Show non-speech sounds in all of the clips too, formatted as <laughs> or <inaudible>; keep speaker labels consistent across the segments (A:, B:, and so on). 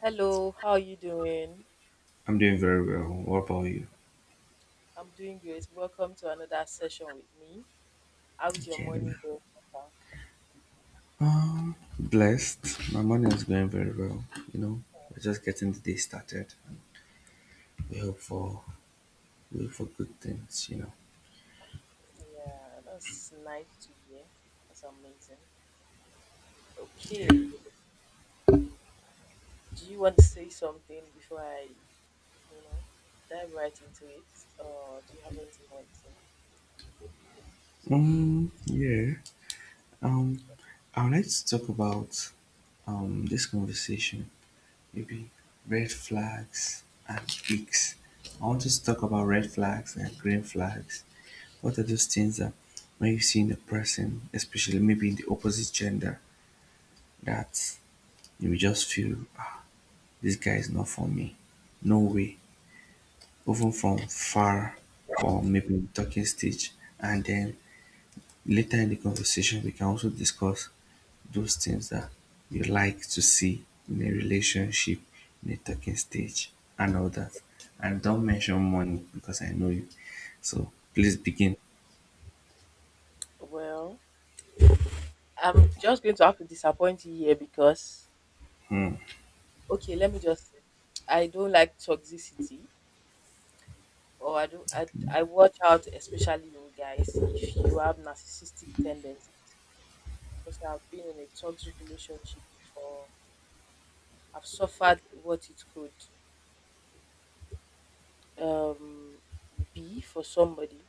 A: Hello, how are you doing?
B: I'm doing very well. What about you?
A: I'm doing great. Welcome to another session with me. How is your
B: Okay,
A: morning going so far?
B: Blessed. My morning is going very well. You know, we're just getting the day started. We hope for we hope for good things.
A: Yeah, that's nice to hear. That's amazing. Okay, do you want to say something before I, you know, dive right into it, or do you have anything you want to say?
B: Yeah. Um. I would like to talk about this conversation. Maybe red flags and peaks. I want us to talk about red flags and green flags. What are those things that when you see in a person, especially maybe in the opposite gender, that you will just feel this guy is not for me. No way. Even from far or maybe talking stage. And then later in the conversation we can also discuss those things that you like to see in a relationship, in a talking stage, and all that. And don't mention money because I know you. So please begin.
A: Well, I'm just going to have to disappoint you here because,
B: Hmm.
A: okay, let me just say, I don't like toxicity. Oh, I do. I watch out, especially in guys, if you have narcissistic tendencies. Because I've been in a toxic relationship before. I've suffered what it could um, be for somebody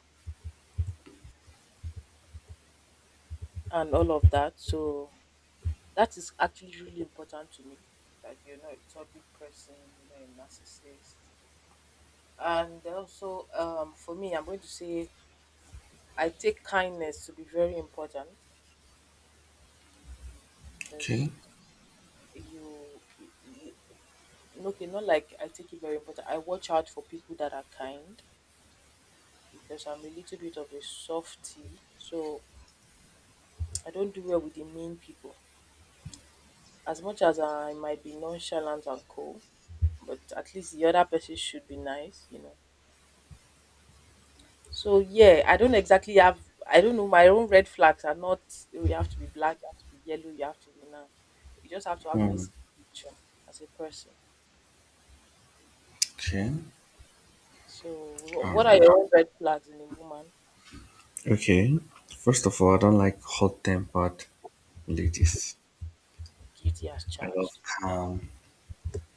A: and all of that. So that is actually really important to me. That you're not a toxic person, you're not a narcissist. And also, for me, I'm going to say I take kindness to be very important
B: Okay.
A: because you okay, not like I take it very important. I watch out for people that are kind because I'm a little bit of a softie, so I don't do well with the mean people. As much as I might be nonchalant and cold, but at least the other person should be nice. So yeah, I don't exactly have. I don't know. My own red flags are not. "Oh, you have to be black. You have to be yellow. You have to be now. You just have to have
B: Hmm.
A: basic attraction as a person.
B: Okay.
A: So what are
B: Alright.
A: your own red flags in a woman?
B: Okay. First of all, I don't like hot tempered ladies.
A: Guilty as
B: I love
A: charged.
B: calm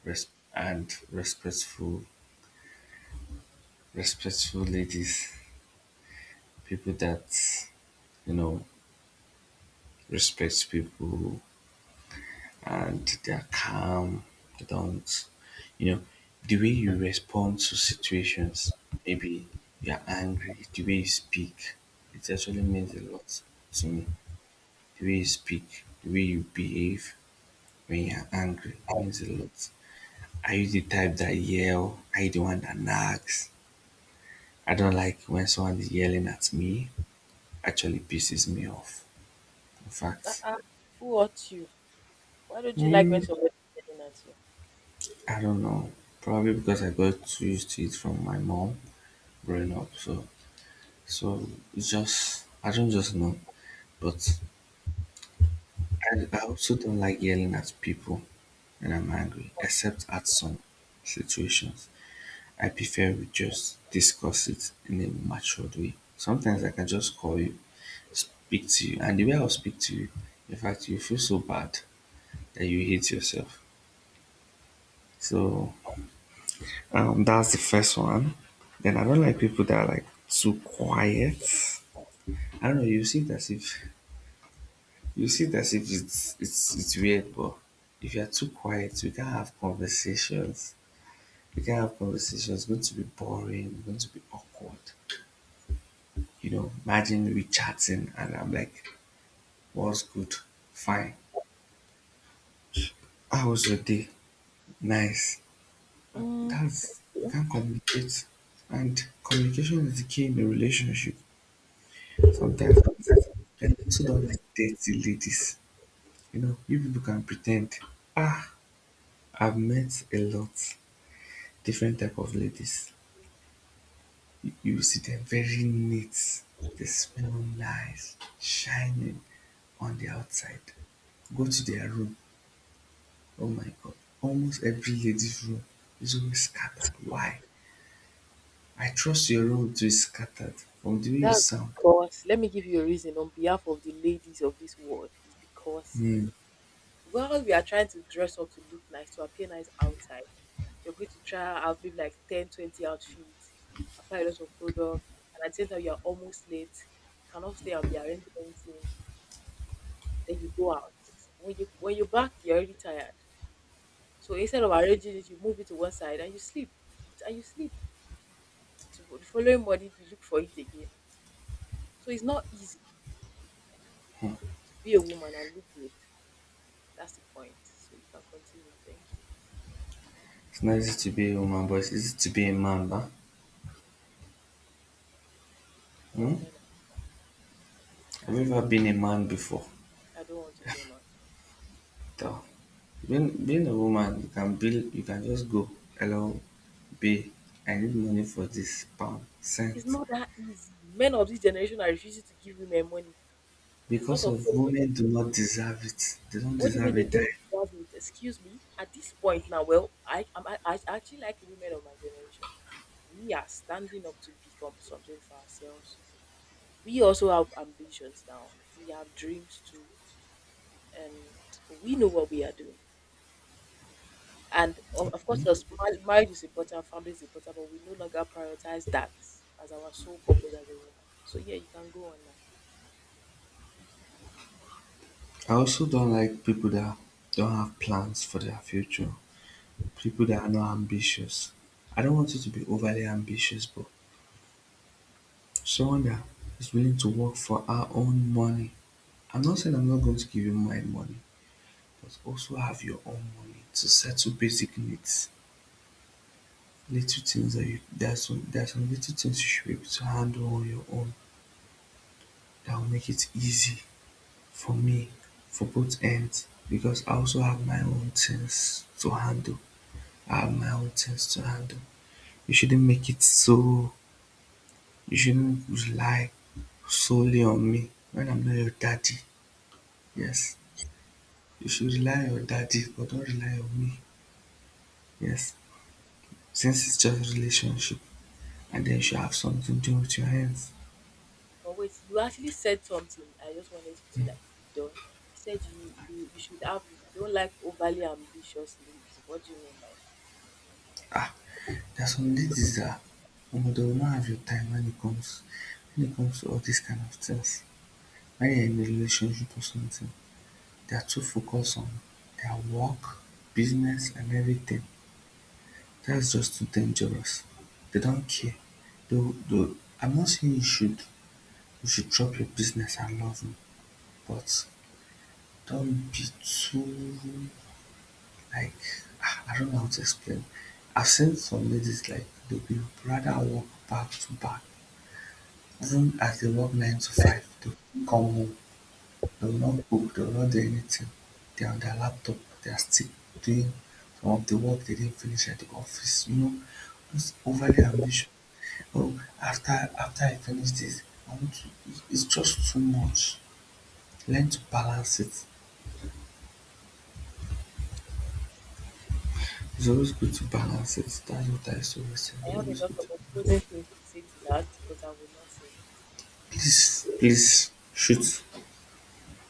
B: res- and respectful, respectful ladies, people that you know respect people and they're calm. They don't, you know, the way you respond to situations. Maybe you're angry. The way you speak, it actually means a lot to me. The way you speak, the way you behave when you're angry means a lot. Are you the type that yell? Are you the one that nags? I don't like when someone is yelling at me. Actually pisses me off. In fact,
A: Uh-uh. Who hurt you? Why don't you like when
B: mm,
A: somebody's yelling at you?
B: I don't know. Probably because I got used to it from my mom growing up. So it's just I don't just know. But I also don't like yelling at people when I'm angry, except at some situations. I prefer we just discuss it in a matured way. Sometimes I can just call you, speak to you, and the way I'll speak to you, in fact, you feel so bad that you hate yourself. So that's the first one. Then I don't like people that are like too quiet. I don't know. You see it as if it's weird, but if you are too quiet, you can't have conversations. You can't have conversations. It's going to be boring. It's going to be awkward. You know, imagine we chatting and I'm like, "What's good? Fine. How was your day? Nice."
A: Mm,
B: That's you
A: yeah.
B: can't communicate, and communication is the key in a relationship. Sometimes that's it. And I also don't like dirty ladies. You know, you people can pretend. Ah, I've met a lot different type of ladies. You see them very neat. They smell nice, shining on the outside. Go to their room. Oh my god. Almost every lady's room is always scattered. Why? I trust your room to be scattered from the way you
A: That's
B: sound.
A: because, let me give you a reason on behalf of the ladies of this world. It's because
B: Hmm.
A: while we are trying to dress up to look nice, to appear nice outside, you're going to try out maybe like 10, 20 outfits, apply a lot of products, and at the same time, you're almost late. You cannot stay and be arranging anything. Then you go out. When you're back, you're already tired. So instead of arranging it, you move it to one side and you sleep. You eat and you sleep. To the following morning you look for it again. So it's not easy
B: Hmm.
A: to be a woman and look good. That's the point. So you can continue. Thank you.
B: It's not easy to be a woman, but it's easy to be a man, huh? Hmm?
A: Well, men have come.
B: Have you ever been a man before?
A: I don't want to be a man.
B: Though being a woman you can build you can just go, hello babe, I need money for this pound
A: It's
B: cent.
A: not that easy. Men of this generation are refusing to give women money. There's a lot
B: Because
A: of
B: of
A: so.
B: women do not deserve it. They don't
A: What do you
B: deserve
A: mean they
B: it.
A: don't deserve it? Excuse me. At this point now, well, I actually like women of my generation. We are standing up to become something for ourselves. We also have ambitions now. We have dreams too, and we know what we are doing. And of course, as marriage is important, family is important, but we no longer prioritize that as our sole purpose as a woman. So yeah, you can go on now.
B: I also don't like people that don't have plans for their future. People that are not ambitious. I don't want you to be overly ambitious, but someone that is willing to work for our own money. I'm not saying I'm not going to give you my money, but also have your own money to settle basic needs. Little things that you there's some little things you should be able to handle on your own that will make it easy for me for both ends because I also have my own things to handle. I have my own things to handle. You shouldn't make it so you shouldn't rely solely on me when I'm not your daddy. Yes. You should rely on your daddy but don't rely on me. Yes. Since it's just a relationship, and then she'll have something to do with your hands.
A: But wait, you actually said something. I just wanted you to like be done. You said you you, you should have you don't like overly ambitious ladies. What do you mean by that?
B: Ah, there are some ladies that they will not have your time when it comes to all these kind of things. When you're in a relationship or something, they are too focused on their work, business and everything. That's just too dangerous. They don't care. Though I'm not saying you should drop your business and love me, but don't be too, like, I don't know how to explain. I've seen some ladies like they would rather work back to back, even as they work 9 to 5. They will come home, they will not cook, they will not do anything. They are on their laptop, they are still doing some of the work they didn't finish at the office. You know, it's overly ambitious. Oh, after I finish this, I want to. It's just too much. Learn to balance it. It's always good to balance it. That's what I used always say. It's
A: I have a
B: always
A: lot
B: good. To
A: of opposing things to say to that, but I will not say it.
B: please, please, shoot,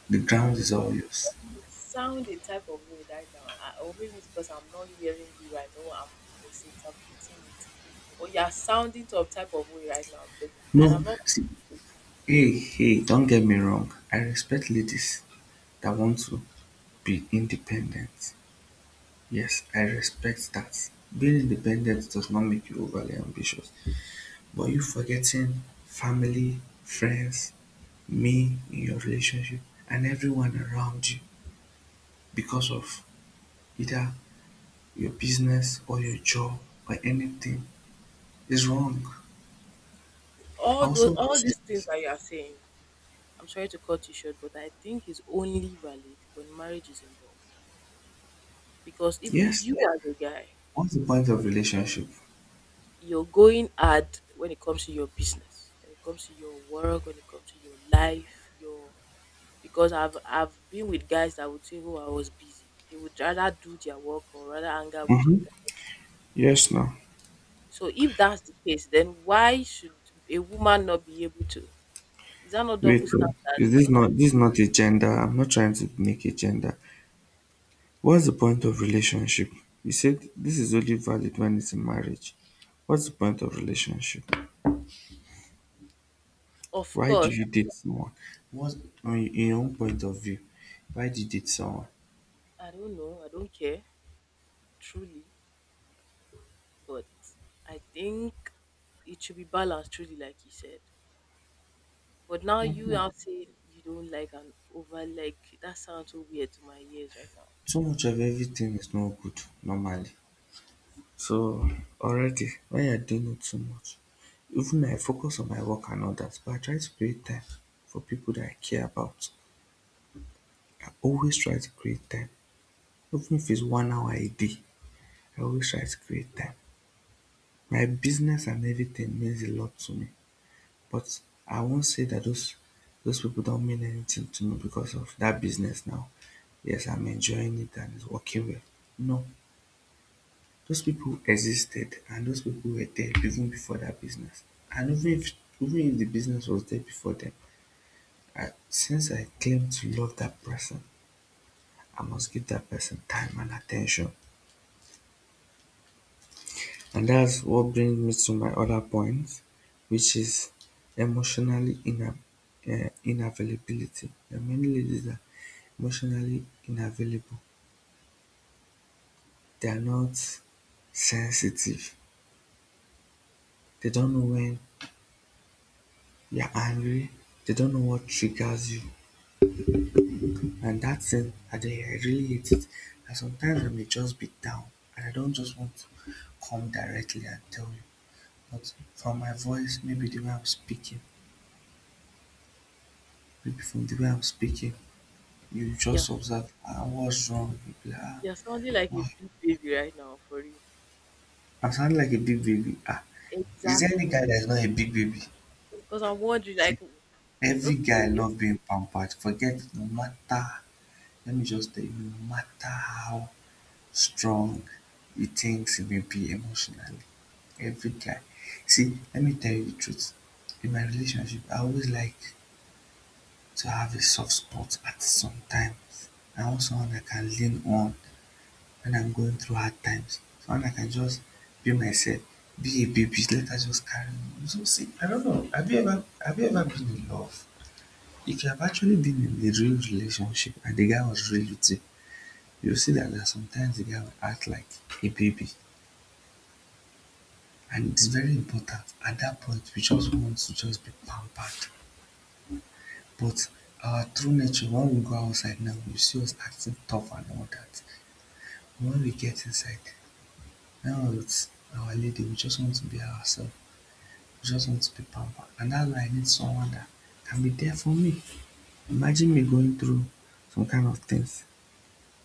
B: the
A: No, no,
B: ground
A: no.
B: is all yours.
A: You sound a type of way right now, or maybe it's because I'm not hearing you right, or I'm misinterpreting it. But you are sounding to a type of way right now because, and
B: No,
A: I'm not
B: see, hey, hey, don't get me wrong. I respect ladies that want to be independent. Yes, I respect that. Being independent does not make you overly ambitious. But you forgetting family, friends, me in your relationship, and everyone around you because of either your business or your job or anything is wrong.
A: all those
B: Also,
A: all these things
B: business.
A: that you are saying. I'm sorry to cut you short, but I think it's only valid when marriage is involved because even
B: Yes.
A: you as a guy,
B: What's the point of relationship?
A: you're going hard when it comes to your business, when it comes to your work, when it comes to your life, your because I've been with guys that would say, "Oh, I was busy." They would rather do their work or rather anger with your
B: Mm-hmm.
A: guy.
B: Yes, no.
A: So if that's the case, then why should a woman not be able to? Is that not
B: Wait,
A: double
B: oh. is
A: standards?
B: this
A: What are
B: not this is
A: you saying?
B: not a gender? I'm not trying to make a gender. What's the point of relationship? You said this is only valid when it's in marriage. What's the point of relationship?
A: Of
B: Why do
A: course,
B: you date someone? What, on your in your own point of view, why did you date someone?
A: I don't know. I don't care truly, but I think it should be balanced truly, like you said. But now you
B: Mhm.
A: are saying you don't like an over like that sounds so weird to my ears right now.
B: Too much of everything is not good normally. So already when you're doing it too much, even though I focus on my work and all that, but I try to create time for people that I care about. I always try to create time, even if it's 1 hour a day, I always try to create time. My business and everything means a lot to me, but I won't say that those people don't mean anything to me because of that business now. Yes, I'm enjoying it and it's working well. No, those people existed and those people were there even before that business. And even if the business was there before them, I, since I claim to love that person, I must give that person time and attention. And that's what brings me to my other point, which is emotionally ina- inavailability. There are many ladies that are emotionally inavailable. They are not sensitive. They don't know when you're angry. They don't know what triggers you. And that thing I dey I really hate it. And sometimes I may just be down and I don't just want to come directly and tell you, but from my voice, maybe from the way I'm speaking, you just
A: Yes,
B: observe, ah, what's wrong, you be like, ah,
A: you're sounding like a
B: why
A: big baby right now for real.
B: I sound like a big baby, ah, is there any
A: Exactly.
B: guy that is not a big baby?
A: Because I'm wondering,
B: See,
A: like,
B: every guy
A: okay,
B: love being pampered, forget, no matter, let me just tell you, no matter how strong you think you will be emotionally every time. See, let me tell you the truth. In my relationship, I always like to have a soft spot at some times. I want someone I can lean on when I'm going through hard times. Someone I can just be myself, be a baby, let her just carry me. So see, I don't know. Have you ever been in love? If you have actually been in a real relationship and the guy was real with you, you'll see that there are sometimes the guy will act like a baby. And it's very important at that point we just want to just be pampered, but our true nature, when we go outside now you see us acting tough and all that, when we get inside now, it's our lady, we just want to be ourselves, we just want to be pampered, and that's why I need someone that can be there for me. Imagine me going through some kind of things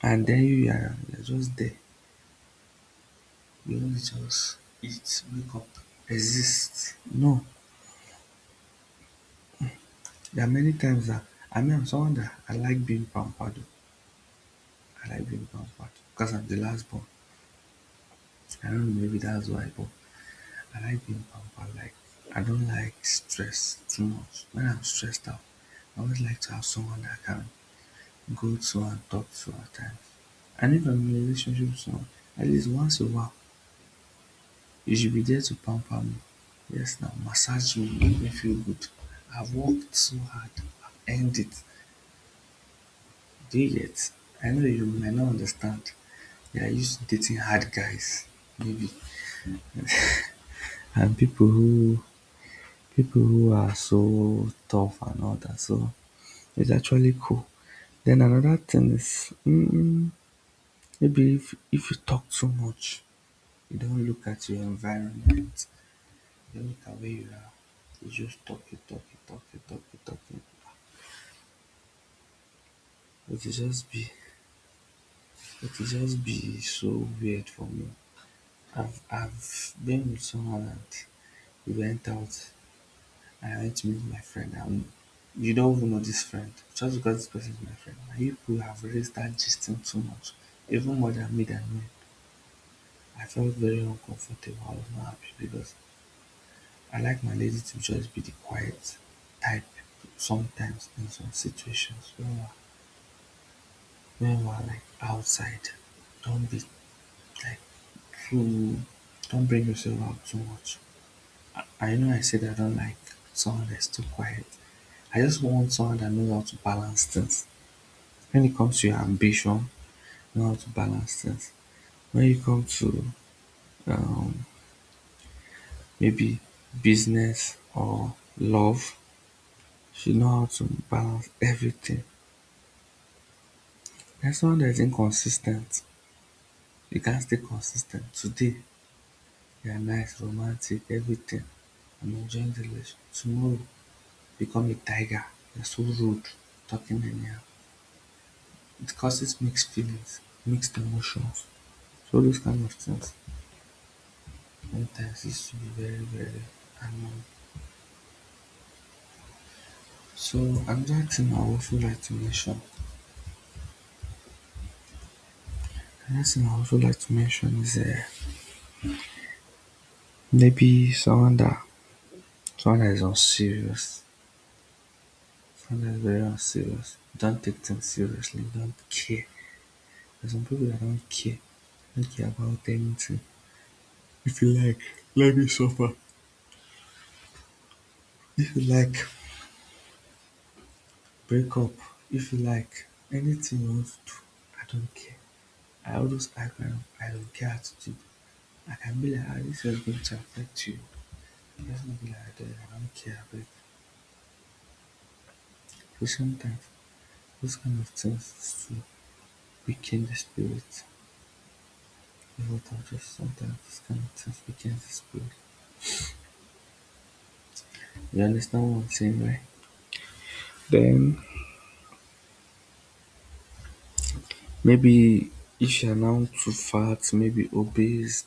B: and then you're just there, you want just eat, wake up, exist. No. There are many times that I mean, I'm someone that I like being pampered. Oh. I like being pampered because I'm the last born. I don't know, maybe that's why, but I like being pampered. Like, I don't like stress too much. When I'm stressed out, I always like to have someone that I can go to and talk to at times. And if I'm in a relationship with someone, at least once a while, you should be there to pamper me. Yes, now massage me, make me feel good. I've worked so hard, I've earned it. Do you get? I know you may not understand. They are used to dating hard guys, maybe, and people who are so tough and all that. So it's actually cool. Then another thing is maybe if you talk too much, you don't look at your environment, you don't look at where you are. You just talk, you talk, you talk, you talk, you talk. It will just be it will just be so weird for me. I've been with someone and we went out and I went to meet my friend and you don't even know this friend. Just because this person is my friend. And you people have already started gisting too much. Even more than me. I felt very uncomfortable. I was not happy because I like my lady to just be the quiet type sometimes in some situations when we're like outside. Don't be like too don't bring yourself out too much. I know I said I don't like someone that's too quiet. I just want someone that knows how to balance things. When it comes to your ambition, know how to balance things. When it comes to um, maybe business or love, you know how to balance everything. There's someone that's inconsistent. You can't stay consistent. Today, you're nice, romantic, everything. I'm enjoying the relationship. Tomorrow, become a tiger. You're so rude, talking anyhow. It causes mixed feelings, mixed emotions, so those kind of things sometimes used to be very, very annoying. So another thing I also like to mention, another thing I also like to mention is maybe someone that is unserious, someone that is very unserious, don't take things seriously, don't care. There's some people that don't care about anything. If you like, let me suffer. If you like, break up if you like, anything you want to do, I don't care. I always act my I don't care attitude. I can be like, ah, this is going to affect you. Let's not be like that, I don't care. But so sometimes those kind of things to weaken the spirit. You just sometimes those kind of things weaken the spirit. You understand what I'm saying, right? Then maybe if you're now too fat, maybe obese,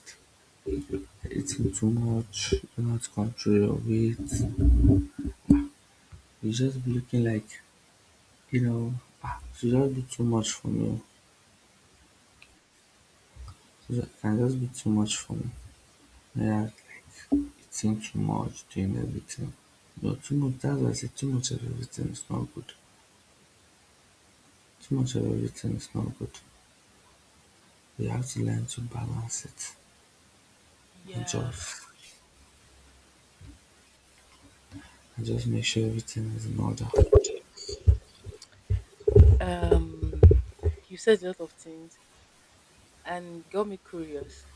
B: eating too much, you don't control your weight. He's just be looking like, you know, ah, she'll just be too much for me. She can just be too much for me. Yeah, like, it seems too much doing everything. No, too much, that's why I say too much of everything is not good. Too much of everything is not good. You have to learn to balance it and
A: yeah.
B: and just make sure everything is in order.
A: Um, you said a lot of things and got me curious.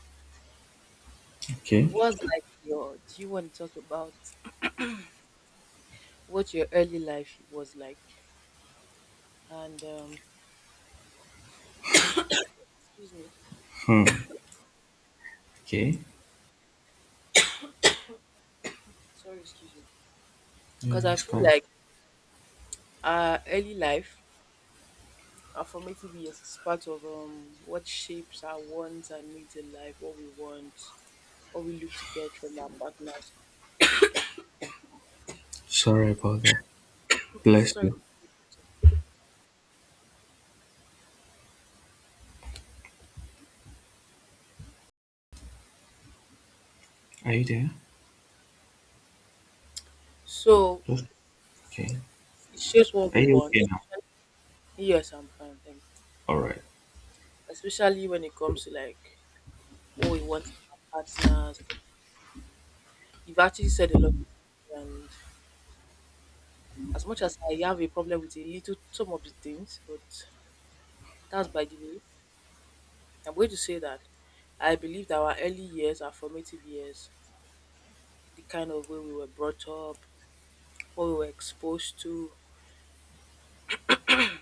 B: Okay?
A: What's like your? Do you want to talk about what your early life was like? And excuse me,
B: Hmm. Okay?
A: sorry, excuse me.
B: Yeah,
A: Because I
B: it's
A: feel
B: fine.
A: like our early life, our formative years, is part of what shapes our wants and needs in life, what we want, what we look to get from our partners.
B: Sorry about that. Bless
A: Sorry.
B: you. Are you there?
A: So
B: Just, okay.
A: it shapes what
B: Are
A: we
B: you
A: want.
B: okay now?
A: Yes, I'm fine, thank you.
B: Alright.
A: Especially when it comes to like what we want in our partners. You've actually said a lot, and as much as I have a problem with a little some of the things, but that's by the way. I'm going to say that I believe that our early years, our formative years, the kind of way we were brought up, what we were exposed to,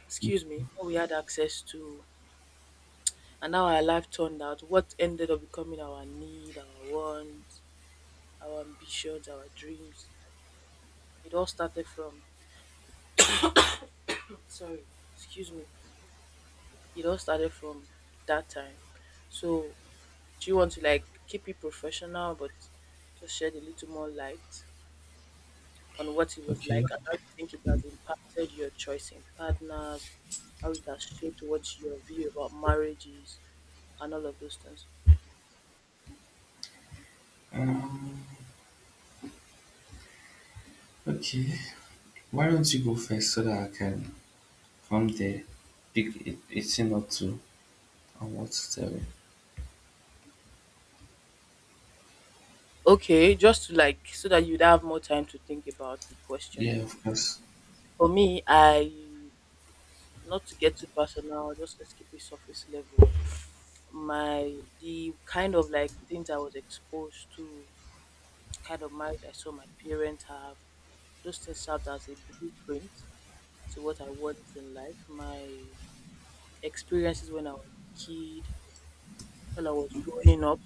A: excuse me, what we had access to, and how our life turned out, what ended up becoming our need, our want our ambitions, our dreams. It all started from, sorry, excuse me, it all started from that time. So, do you want to like keep it professional but just shed a little more light on what it was
B: Okay.
A: like and how you think it has impacted your choice in partners, how it has shaped what your view about marriage is, and all of those things?
B: Um, okay. Why don't you go first so that I can from there pick it. A thing or two on what to tell you?
A: Okay, just to like so that you'd have more time to think about the question.
B: Yeah, of course.
A: For me, I not to get too personal, just let's keep it surface level. My The kind of like things I was exposed to, kind of marriage I saw my parents have, those things served as a blueprint to what I want in life. My experiences when I was a kid, when I was growing up,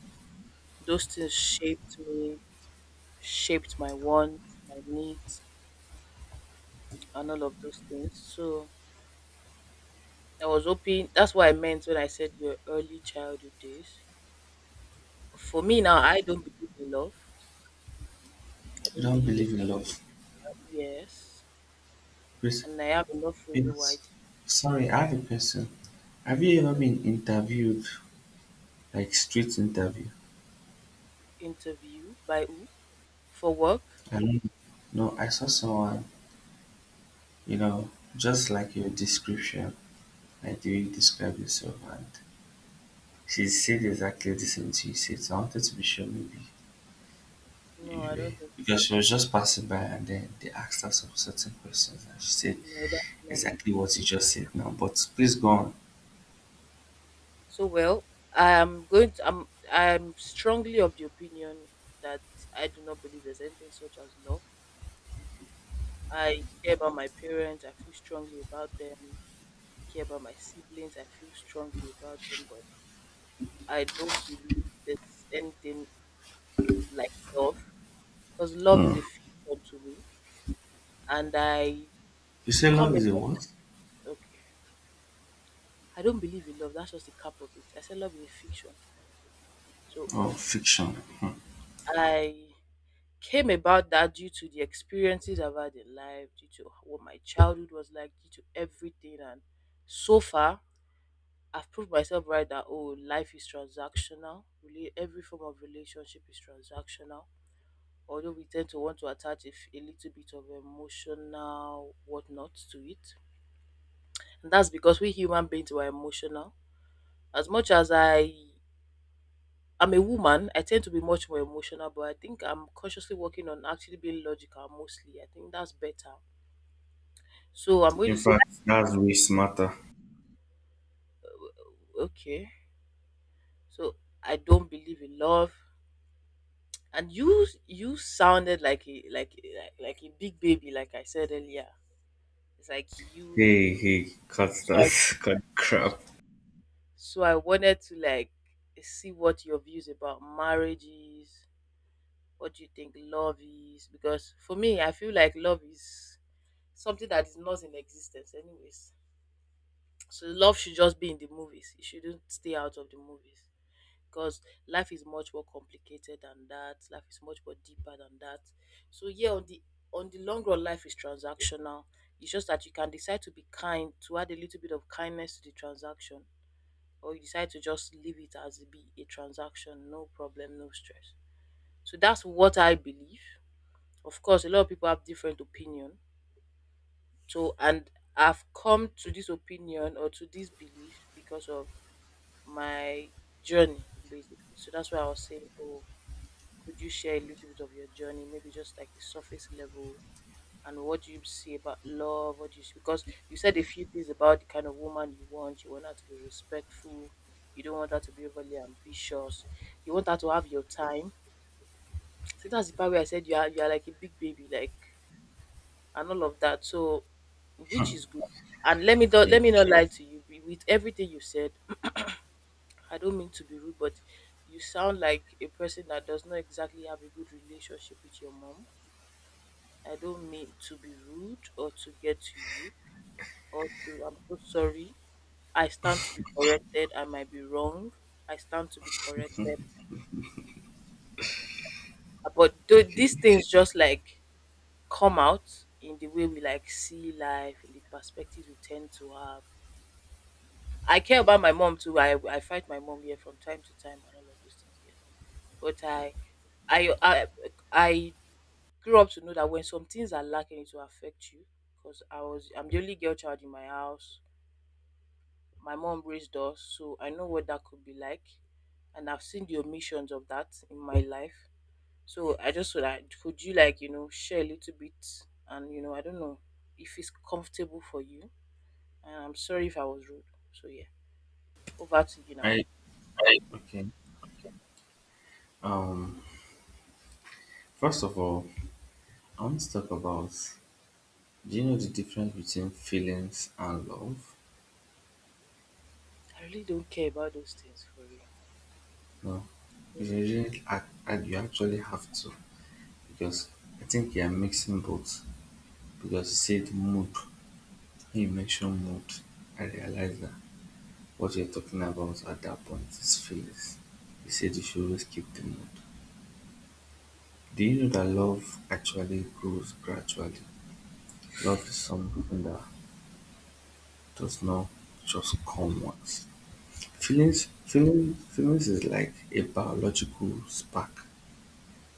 A: those things shaped me, shaped my wants, my needs, and all of those things. So I was hoping that's what I meant when I said your early childhood days. For me now, I don't believe in love. I
B: You
A: don't
B: don't
A: believe it.
B: believe in love.
A: Yes.
B: Please,
A: And I have enough reason why I
B: please. Sorry, I have a question. Have you ever
A: don't.
B: been interviewed, like street interview?
A: Interviewed by who? For work?
B: I don't know. No, I saw someone, you know, just like your description, like the way you describe yourself, and she said exactly the same thing you said. So I wanted to be sure, maybe.
A: No, I
B: Yeah,
A: don't think.
B: because she was just passing by and then they asked her some certain questions and she said
A: No, that's not me.
B: exactly what you just said now. But please go on.
A: So well, I am going to I'm strongly of the opinion that I do not believe there's anything such as love. I care about my parents, I feel strongly about them. I care about my siblings, I feel strongly about them, but I don't believe there's anything like love because love
B: Hmm.
A: is a fiction to me. And
B: You say love
A: come
B: is a
A: a-
B: what?
A: okay. I don't believe in love. That's just the cap of it. I said love is a fiction. So
B: Oh, fiction. Hmm.
A: I came about that due to the experiences I've had in life, due to what my childhood was like, due to everything. And so far, I've proved myself right that oh, life is transactional. Really, every form of relationship is transactional. Although we tend to want to attach a little bit of emotional whatnot to it, and that's because we human beings were emotional. As much as I'm a woman, I tend to be much more emotional, but I think I'm consciously working on actually being logical mostly. I think that's better. So I'm going
B: In
A: to say
B: fact, that's way smarter.
A: okay. So I don't believe in love. And you sounded like like a big baby, like I said earlier. It's like you.
B: Hey, hey, cut
A: so I,
B: that, <laughs> cut crap.
A: so I wanted to like see what your views about marriages. What do you think love is? Because for me, I feel like love is something that is not in existence, anyways. So love should just be in the movies. It shouldn't stay out of the movies. Because life is much more complicated than that. Life is much more deeper than that. So yeah, on the long run, life is transactional. It's just that you can decide to be kind, to add a little bit of kindness to the transaction, or you decide to just leave it as be a transaction, no problem, no stress. So that's what I believe. Of course, a lot of people have different opinion. So, and I've come to this opinion or to this belief because of my journey, basically. So that's why I was saying, oh, could you share a little bit of your journey, maybe just like the surface level, and what do you see about love? What do you see? Because you said a few things about the kind of woman you want. You want her to be respectful. You don't want her to be overly ambitious. You want her to have your time. So that's the part where I said you are like a big baby, like and all of that. So, which is good. And
B: Okay,
A: let me not lie to you. With everything you said, I don't mean to be rude, but you sound like a person that does not exactly have a good relationship with your mom. I don't mean to be rude or to get to you or to. I'm so sorry. I stand to be corrected. I might be wrong. I stand to be corrected. But these things just like come out in the way we like see life, in the perspectives we tend to have. I care about my mom too. I fight my mom here from time to time and all of those things. Yes, but I I I grew up to know that when some things are lacking, it will affect you. Because I'm the only girl child in my house. My mom raised us, so I know what that could be like, and I've seen the omissions of that in my life. So I just thought, that could you like share a little bit, and I don't know if it's comfortable for you. And I'm sorry if I was rude. So yeah, over to you now.
B: I okay. Um, first of all, I want to talk about. Do you know the difference between feelings and love?
A: I really don't care about those things for real.
B: No, you
A: Mm.
B: really, you actually have to because I think you are mixing both. Because you said mood when you mentioned mood I realized that what you're talking about at that point is feelings. You said you should always keep the mood. Do you know that love actually grows gradually? Love is something that does not just come once. Feelings is like a biological spark.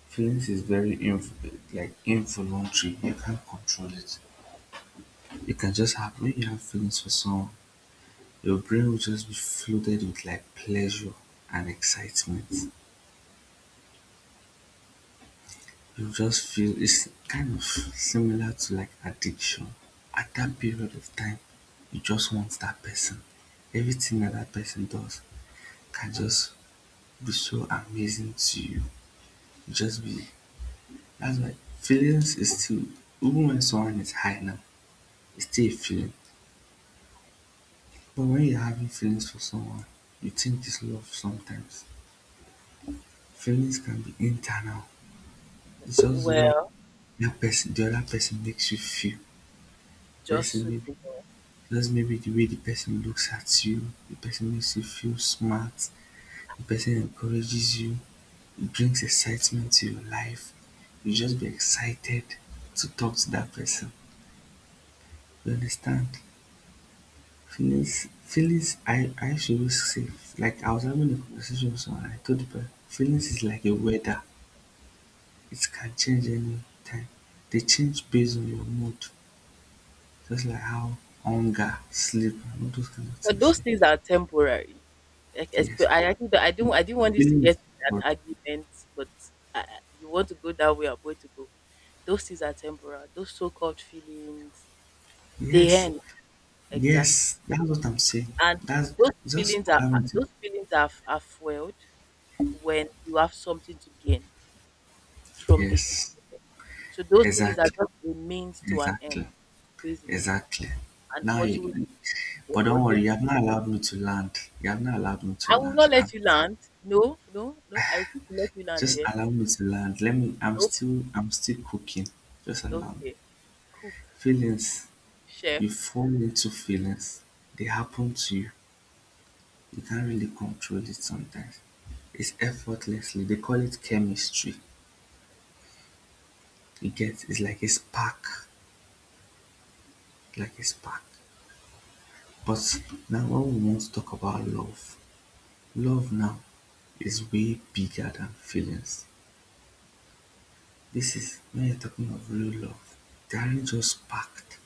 B: Feelings is very like involuntary. You can't control it. It can just happen when you have feelings for someone, your brain will just be flooded with like pleasure and excitement. You just feel it's kind of similar to like addiction. At that period of time, you just want that person. Everything that that person does can just be so amazing to you. You just be that's why feelings is still even when someone is high now, it's still a feeling. But when you're having feelings for someone, you think it's love sometimes. Feelings can be internal. It's just the way
A: Well,
B: that person the other person makes you feel.
A: just
B: Person
A: so
B: maybe
A: you know.
B: just maybe the way the person looks at you, the person makes you feel smart, the person encourages you, it brings excitement to your life, you just be excited to talk to that person, you understand. Feelings, I used to always say, like I was having a conversation with someone, I told the person feelings is like a weather. It can change any time. They change based on your mood. Just like how hunger, sleep, and all those kind of
A: But
B: things.
A: those
B: Eh.
A: things are temporary. Like,
B: Yes.
A: esp- I actually don't I didn't want this to
B: Feeling is
A: get an
B: good.
A: argument, but you want to go that way, I'm going to go. Those things are temporal. Those so-called feelings, they
B: Yes.
A: end exactly,
B: Yes. That's what I'm saying.
A: and
B: That's
A: those
B: just
A: feelings are are-
B: allowing to.
A: those feelings are are fueled when you have something to gain from this
B: Yes.
A: situation. So those feelings are
B: Exactly.
A: just a means to an end,
B: Exactly.
A: basically.
B: Exactly.
A: And
B: Now
A: what you
B: you,
A: will.
B: but
A: What
B: don't
A: you?
B: worry, you have not allowed me to land. You have not allowed me to
A: I will
B: land.
A: not let you land. No, no, no. I refuse to let you land
B: Just
A: here.
B: allow me to land. Let me
A: Nope.
B: I'm still cooking. Just allow me.
A: Okay. Cook,
B: Feelings.
A: chef,
B: You fall
A: cook.
B: into feelings. They happen to you. You can't really control it sometimes. It's effortlessly. They call it chemistry. You get it's like a spark, like a spark. But now, what we want to talk about love. Love now is way bigger than feelings. This is when you're talking of real love. They aren't just sparked.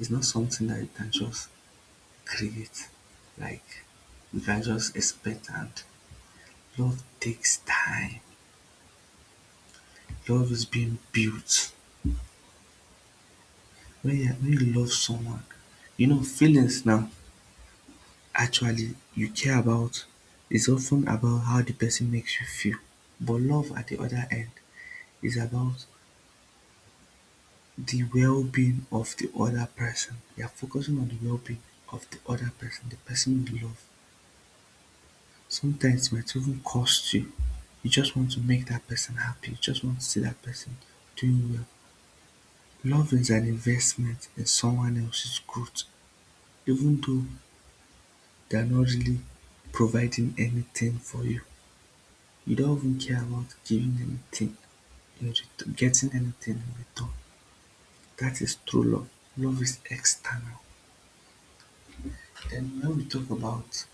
B: It's not something that you can just create. Like you can just expect and love takes time. Love is being built when you love someone, you know feelings now actually you care about is often about how the person makes you feel, but love at the other end is about the well-being of the other person, you're focusing on the well-being of the other person, the person you love. Sometimes it might even cost you, you just want to make that person happy, you just want to see that person doing well. Love is an investment in someone else's growth, even though they're not really providing anything for you. You don't even care about giving anything in return, getting anything in return. That is true love. Love is external. Then when we talk about,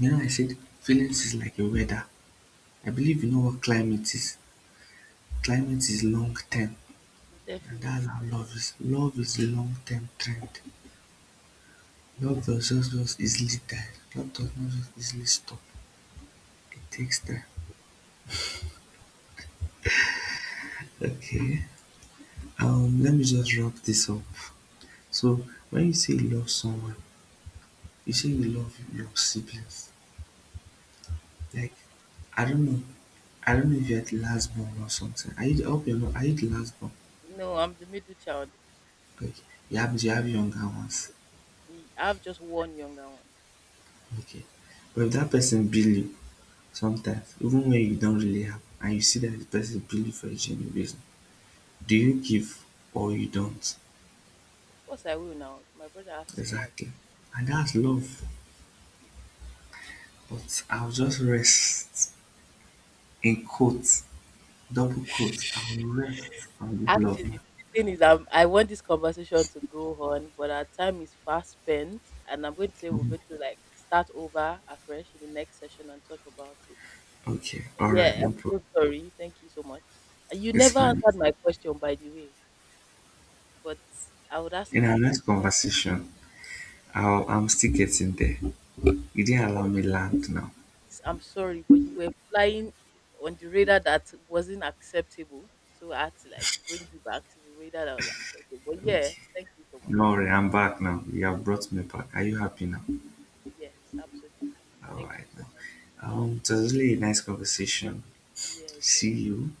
B: you know, I said feelings is like a weather. I believe you know what climate is. Climate is long term, and that's
A: Definitely.
B: how love is. Love is a long term trend. Love does not just easily die. Love does not just easily stop. It takes time. Okay. Let me just wrap this up. So when you say you love someone, you say you love your siblings. Like I don't know, I don't know if you're the last born or something. Are you the, I hope you're not. Are you the last born?
A: No, I'm the middle child.
B: Like you have younger ones.
A: I have just one younger one.
B: Okay, but if that person bill you sometimes, even when you don't really have, and you see that the person bill you for a genuine reason, do you give or you don't?
A: Of course, I will now. If my brother asks me, I will.
B: Exactly, and that's love. But I'll just rest in quotes, double quotes. I'll rest on this love, man.
A: Actually, the thing is, I want this conversation to go on, but our time is fast spent, and I'm going to say we're
B: Mm-hmm.
A: going to like start over afresh in the next session and talk about it.
B: Okay,
A: So,
B: all right,
A: yeah,
B: no
A: I'm
B: problem.
A: so sorry. Thank you so much. You
B: It's
A: never
B: fine.
A: answered my question, by the way. But I would ask
B: In
A: you
B: our
A: again.
B: next conversation, I'm still getting there. You didn't allow
A: Yes,
B: me land now.
A: I'm sorry, but you were flying on the radar that wasn't acceptable. So I had to like bring you back to the radar that was acceptable. But yeah,
B: Okay.
A: thank you so much.
B: No worry, I'm back now. You have brought me back. Are you happy now?
A: Yes, absolutely.
B: All
A: Thank
B: right
A: you so
B: now.
A: much.
B: It was really a nice conversation.
A: Yeah, it
B: See
A: was.
B: you.